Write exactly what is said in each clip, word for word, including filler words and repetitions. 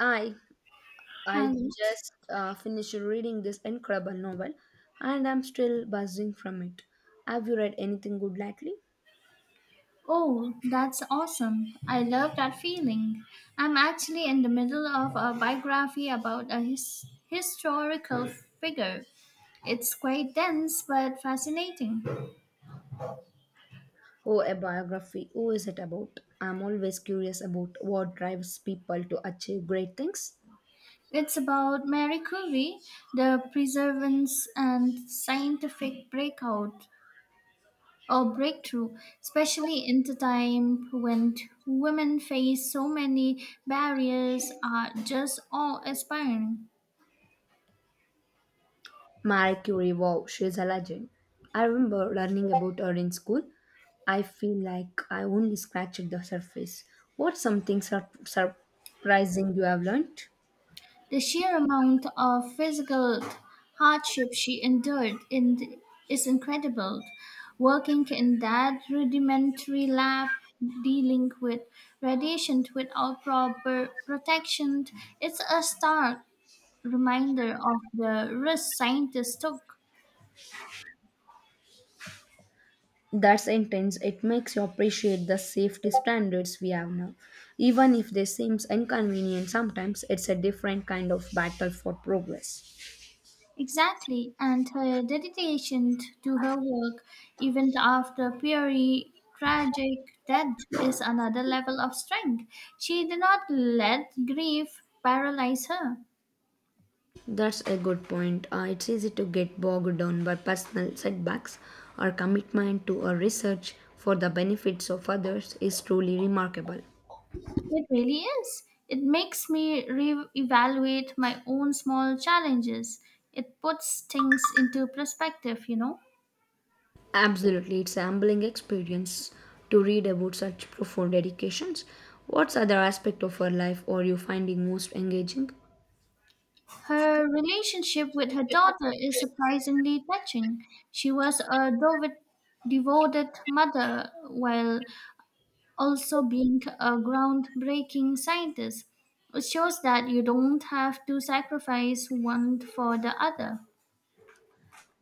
I I Hello. just uh, finished reading this incredible novel and I'm still buzzing from it. Have you read anything good lately? Oh, that's awesome. I love that feeling. I'm actually in the middle of a biography about a his- historical figure. It's quite dense but fascinating. Oh, a biography. Who is it about? I'm always curious about what drives people to achieve great things. It's about Mary Curie, the perseverance and scientific breakout or breakthrough, especially in the time when women face so many barriers, are just awe inspiring. Marie Curie, wow, she's a legend. I remember learning about her in school. I feel like I only scratched the surface. What's something sur- surprising you have learned? The sheer amount of physical hardship she endured in is incredible. Working in that rudimentary lab, dealing with radiation without proper protection, it's a stark reminder of the risks scientists took. That's intense. It makes you appreciate the safety standards we have now. Even if they seems inconvenient sometimes, it's a different kind of battle for progress. Exactly, and her dedication to her work, even after Peary's tragic death, is another level of strength. She did not let grief paralyze her. That's a good point. Uh, it's easy to get bogged down by personal setbacks. Our commitment to our research for the benefits of others is truly remarkable. It really is. It makes me re-evaluate my own small challenges. It puts things into perspective, you know. Absolutely, it's a humbling experience to read about such profound dedications. What's other aspect of our life are you finding most engaging? Her relationship with her daughter is surprisingly touching. She was a devoted devoted mother while also being a groundbreaking scientist. It shows that you don't have to sacrifice one for the other.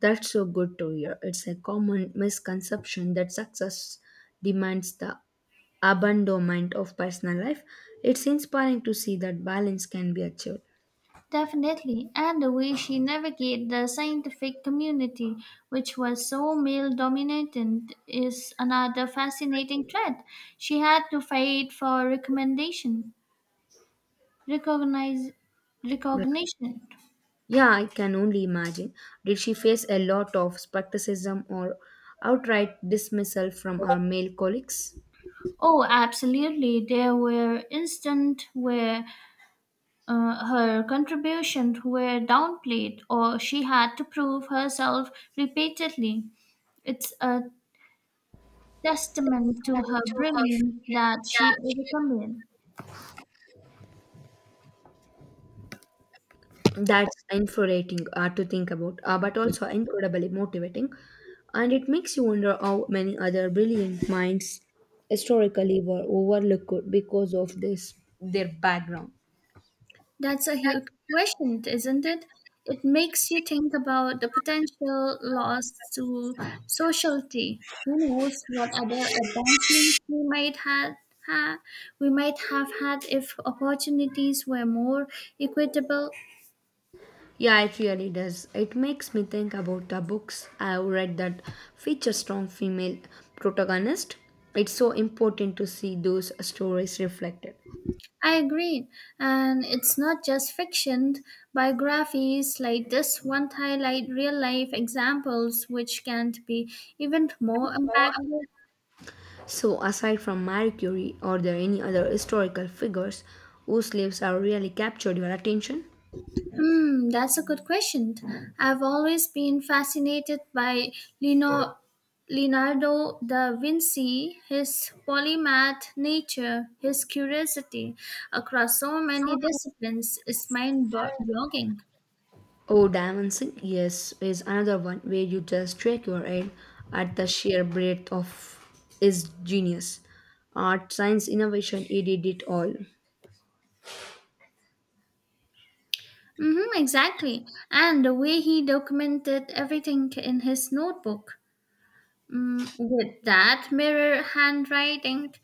That's so good to hear. It's a common misconception that success demands the abandonment of personal life. It's inspiring to see that balance can be achieved. Definitely, and the way she navigated the scientific community, which was so male dominated is another fascinating thread. She had to fight for recommendation, recognize, Yeah, recognition. Yeah, I can only imagine. Did she face a lot of skepticism or outright dismissal from her male colleagues? Oh, absolutely. There were instances where Uh, her contributions were downplayed, or she had to prove herself repeatedly. It's a testament to her brilliance that she overcame it. That's infuriating uh, to think about, uh, but also incredibly motivating. And it makes you wonder how many other brilliant minds historically were overlooked because of this their background. That's a huge question, isn't it? It makes you think about the potential loss to society. Who knows what other advancements we might have, ha, we might have had if opportunities were more equitable. Yeah, it really does. It makes me think about the books I've read that feature strong female protagonists. It's so important to see those stories reflected. I agree. And it's not just fiction. Biographies like this one highlight real life examples which can be even more impactful. So, aside from Marie Curie, are there any other historical figures whose lives have really captured your attention? Hmm, that's a good question. I've always been fascinated by Lino, Leonardo da Vinci, his polymath nature, his curiosity across so many disciplines is mind-boggling. Oh, dancing, yes, is another one where you just shake your head at the sheer breadth of his genius. Art, science, innovation, he did it all. Mm-hmm, exactly. And the way he documented everything in his notebook. Mm, with that mirror handwriting,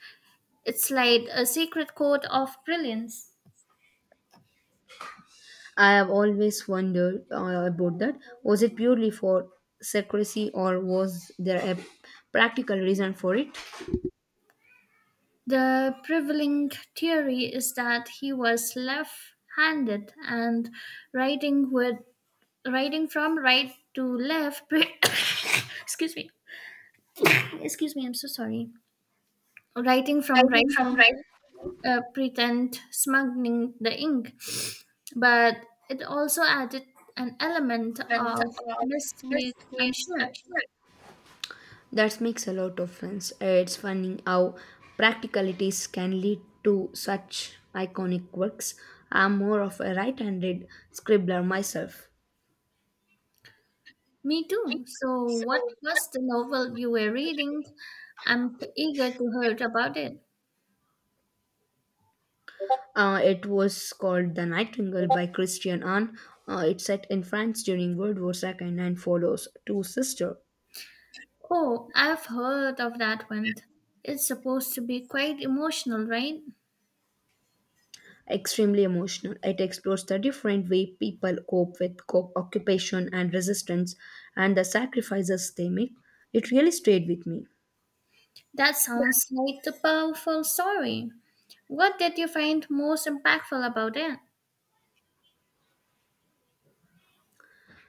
it's like a secret code of brilliance. I have always wondered uh, about that. Was it purely for secrecy or was there a practical reason for it? The prevailing theory is that he was left-handed and writing with writing from right to left. pre- excuse me. Excuse me, I'm so sorry. Writing from right to left, uh, pretend smuggling the ink but it also added an element of mystique, I'm sure. That makes a lot of sense. It's funny how practicalities can lead to such iconic works. I'm more of a right handed scribbler myself. Me too. So, what was the novel you were reading? I'm eager to hear about it. Uh, it was called The Nightingale by Christian Arne. Uh, it's set in France during World War two and follows two sisters. Oh, I've heard of that one. It's supposed to be quite emotional, right? Extremely emotional. It explores the different way people cope with co- occupation and resistance and the sacrifices they make. It really stayed with me. That sounds like a powerful story. What did you find most impactful about it?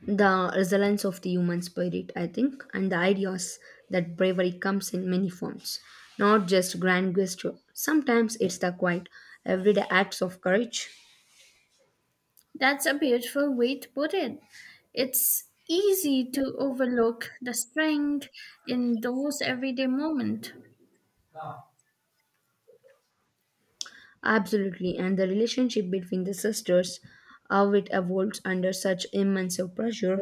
The resilience of the human spirit, I think, and the ideas that bravery comes in many forms, not just grand gesture. Sometimes it's the quiet, everyday acts of courage. That's a beautiful way to put it. It's easy to overlook the strength in those everyday moments. Absolutely, and the relationship between the sisters, how it evolves under such immense pressure,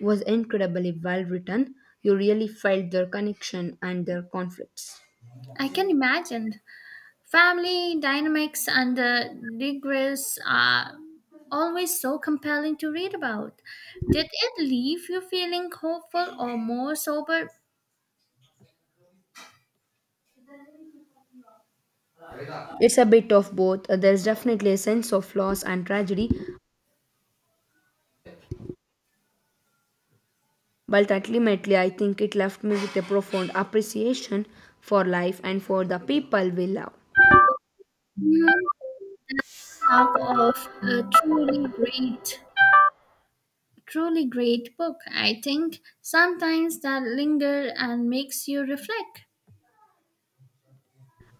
was incredibly well written. You really felt their connection and their conflicts. I can imagine. Family dynamics and the digress are always so compelling to read about. Did it leave you feeling hopeful or more sober? It's a bit of both. There's definitely a sense of loss and tragedy, but ultimately, I think it left me with a profound appreciation for life and for the people we love. Hmm, Talk of a truly great, truly great book. I think sometimes that linger and makes you reflect.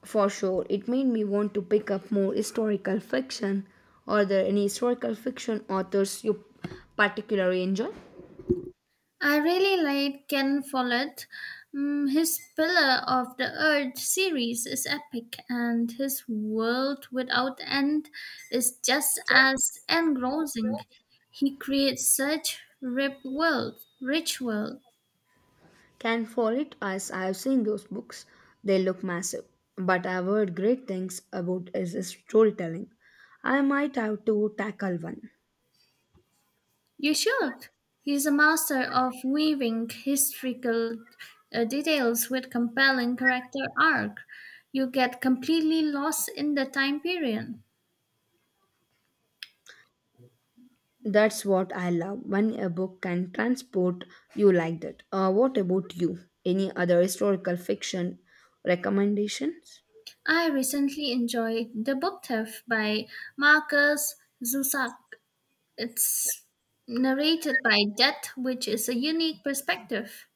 For sure, it made me want to pick up more historical fiction. Are there any historical fiction authors you particularly enjoy? I really like Ken Follett. Mm, his Pillar of the Earth series is epic, and his World Without End is just as engrossing. He creates such rip world, rich world. Can Fall It Us, I have seen those books. They look massive, but I've heard great things about his storytelling. I might have to tackle one. You should. He's a master of weaving historical uh, details with compelling character arc. You get completely lost in the time period. That's what I love when a book can transport you like that. Uh, what about you? Any other historical fiction recommendations? I recently enjoyed The Book Thief by Marcus Zusak. It's narrated by death, which is a unique perspective.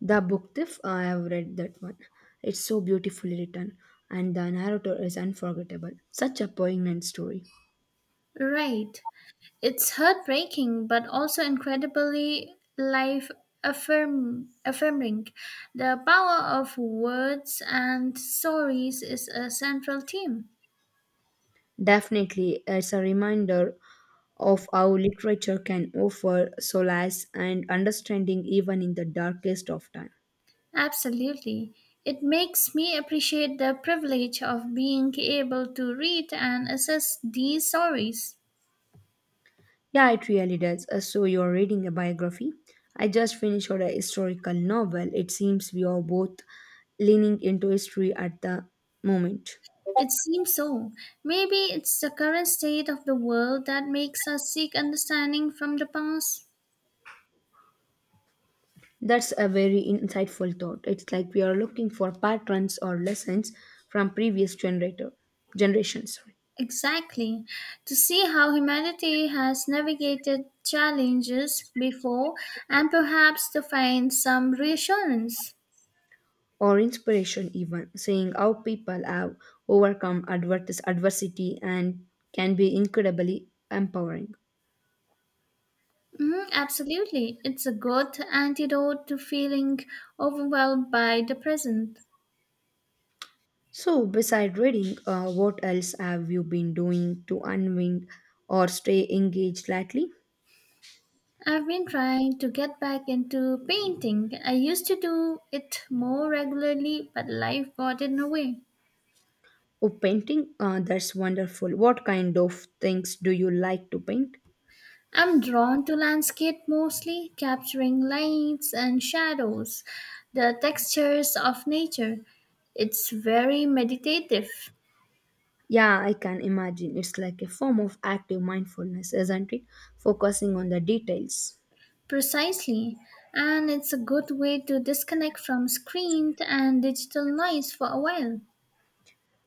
The book thief, I have read that one. It's so beautifully written, and the narrator is unforgettable. Such a poignant story. Right. It's heartbreaking, but also incredibly life affirm- affirming. The power of words and stories is a central theme. Definitely, it's a reminder of how literature can offer solace and understanding even in the darkest of time. Absolutely. It makes me appreciate the privilege of being able to read and assess these stories. Yeah, it really does. Uh, So you're reading a biography. I just finished a historical novel. It seems we are both leaning into history at the moment. It seems so. Maybe it's the current state of the world that makes us seek understanding from the past. That's a very insightful thought. It's like we are looking for patterns or lessons from previous generator generations, sorry, Exactly. To see how humanity has navigated challenges before and perhaps to find some reassurance. or inspiration even, seeing how people have overcome advertis- adversity and can be incredibly empowering. Mhm, absolutely. It's a good antidote to feeling overwhelmed by the present. So, beside reading, uh, what else have you been doing to unwind or stay engaged lately? I've been trying to get back into painting. I used to do it more regularly, but life got in the way. Oh, painting? Uh, that's wonderful. What kind of things do you like to paint? I'm drawn to landscape mostly, capturing lights and shadows, the textures of nature. It's very meditative, Yeah, I can imagine. It's like a form of active mindfulness, isn't it? Focusing on the details. precisely, and it's a good way to disconnect from screen and digital noise for a while.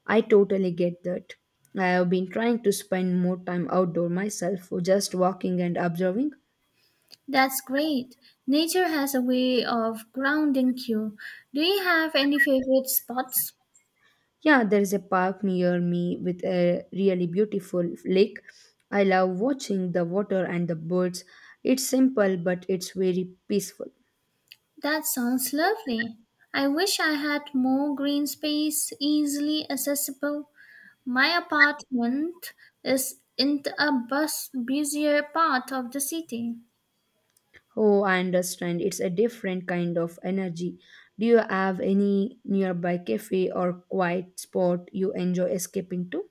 I totally get that. I have been trying to spend more time outdoor myself, just walking and observing. That's great. Nature has a way of grounding you. Do you have any favorite spots? Yeah, there is a park near me with a really beautiful lake. I love watching the water and the birds. It's simple, but it's very peaceful. That sounds lovely. I wish I had more green space easily accessible. My apartment is in a bus busier part of the city. Oh, I understand. It's a different kind of energy. Do you have any nearby cafe or quiet spot you enjoy escaping to?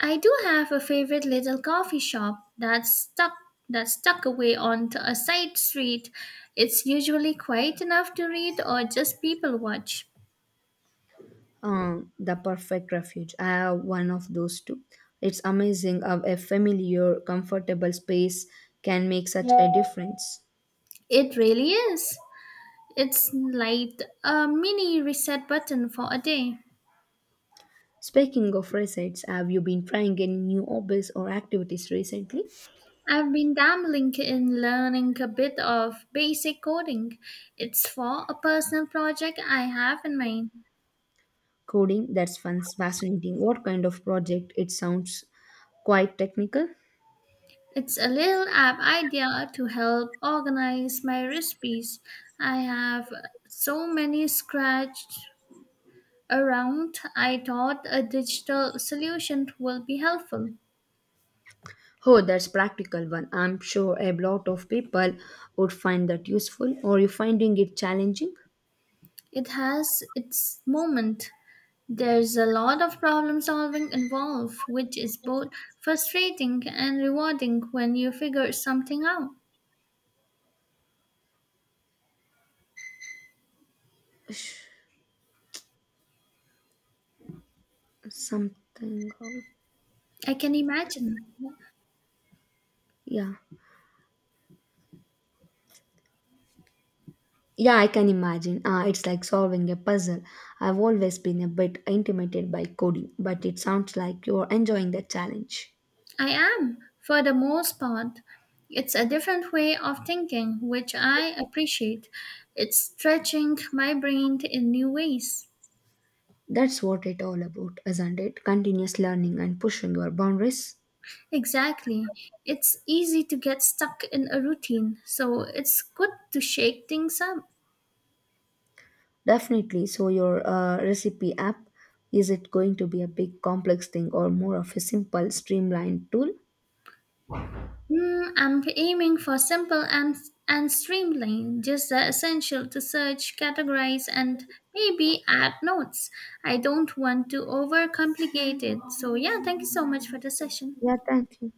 I do have a favorite little coffee shop that's stuck that's tucked away onto a side street. It's usually quiet enough to read or just people watch. Uh, the perfect refuge. I have one of those too. It's amazing how a familiar, comfortable space can make such a difference. It really is. It's like a mini reset button for a day. Speaking of receipts, have you been trying any new hobbies or activities recently? I've been dabbling in learning a bit of basic coding. It's for a personal project I have in mind. Coding, that's fun, fascinating. What kind of project? It sounds quite technical. It's a little app idea to help organize my recipes. I have so many scratched around. I thought a digital solution will be helpful. Oh, that's practical one. I'm sure a lot of people would find that useful. Or you finding it challenging? It has its moment. There's a lot of problem solving involved, which is both frustrating and rewarding when you figure something out. Sh- Something. of- I can imagine. Yeah. Yeah, I can imagine. Uh, it's like solving a puzzle. I've always been a bit intimidated by coding, but it sounds like you're enjoying the challenge. I am, for the most part. It's a different way of thinking, which I appreciate. It's stretching my brain in new ways. That's what it all about, isn't it? Continuous learning and pushing your boundaries. Exactly. It's easy to get stuck in a routine, so it's good to shake things up. Definitely. So, your uh, recipe app, is it going to be a big complex thing or more of a simple streamlined tool? Mm, I'm aiming for simple and and streamlined, just the essential to search, categorize, and maybe add notes. I don't want to overcomplicate it. So yeah, thank you so much for the session. Yeah, thank you.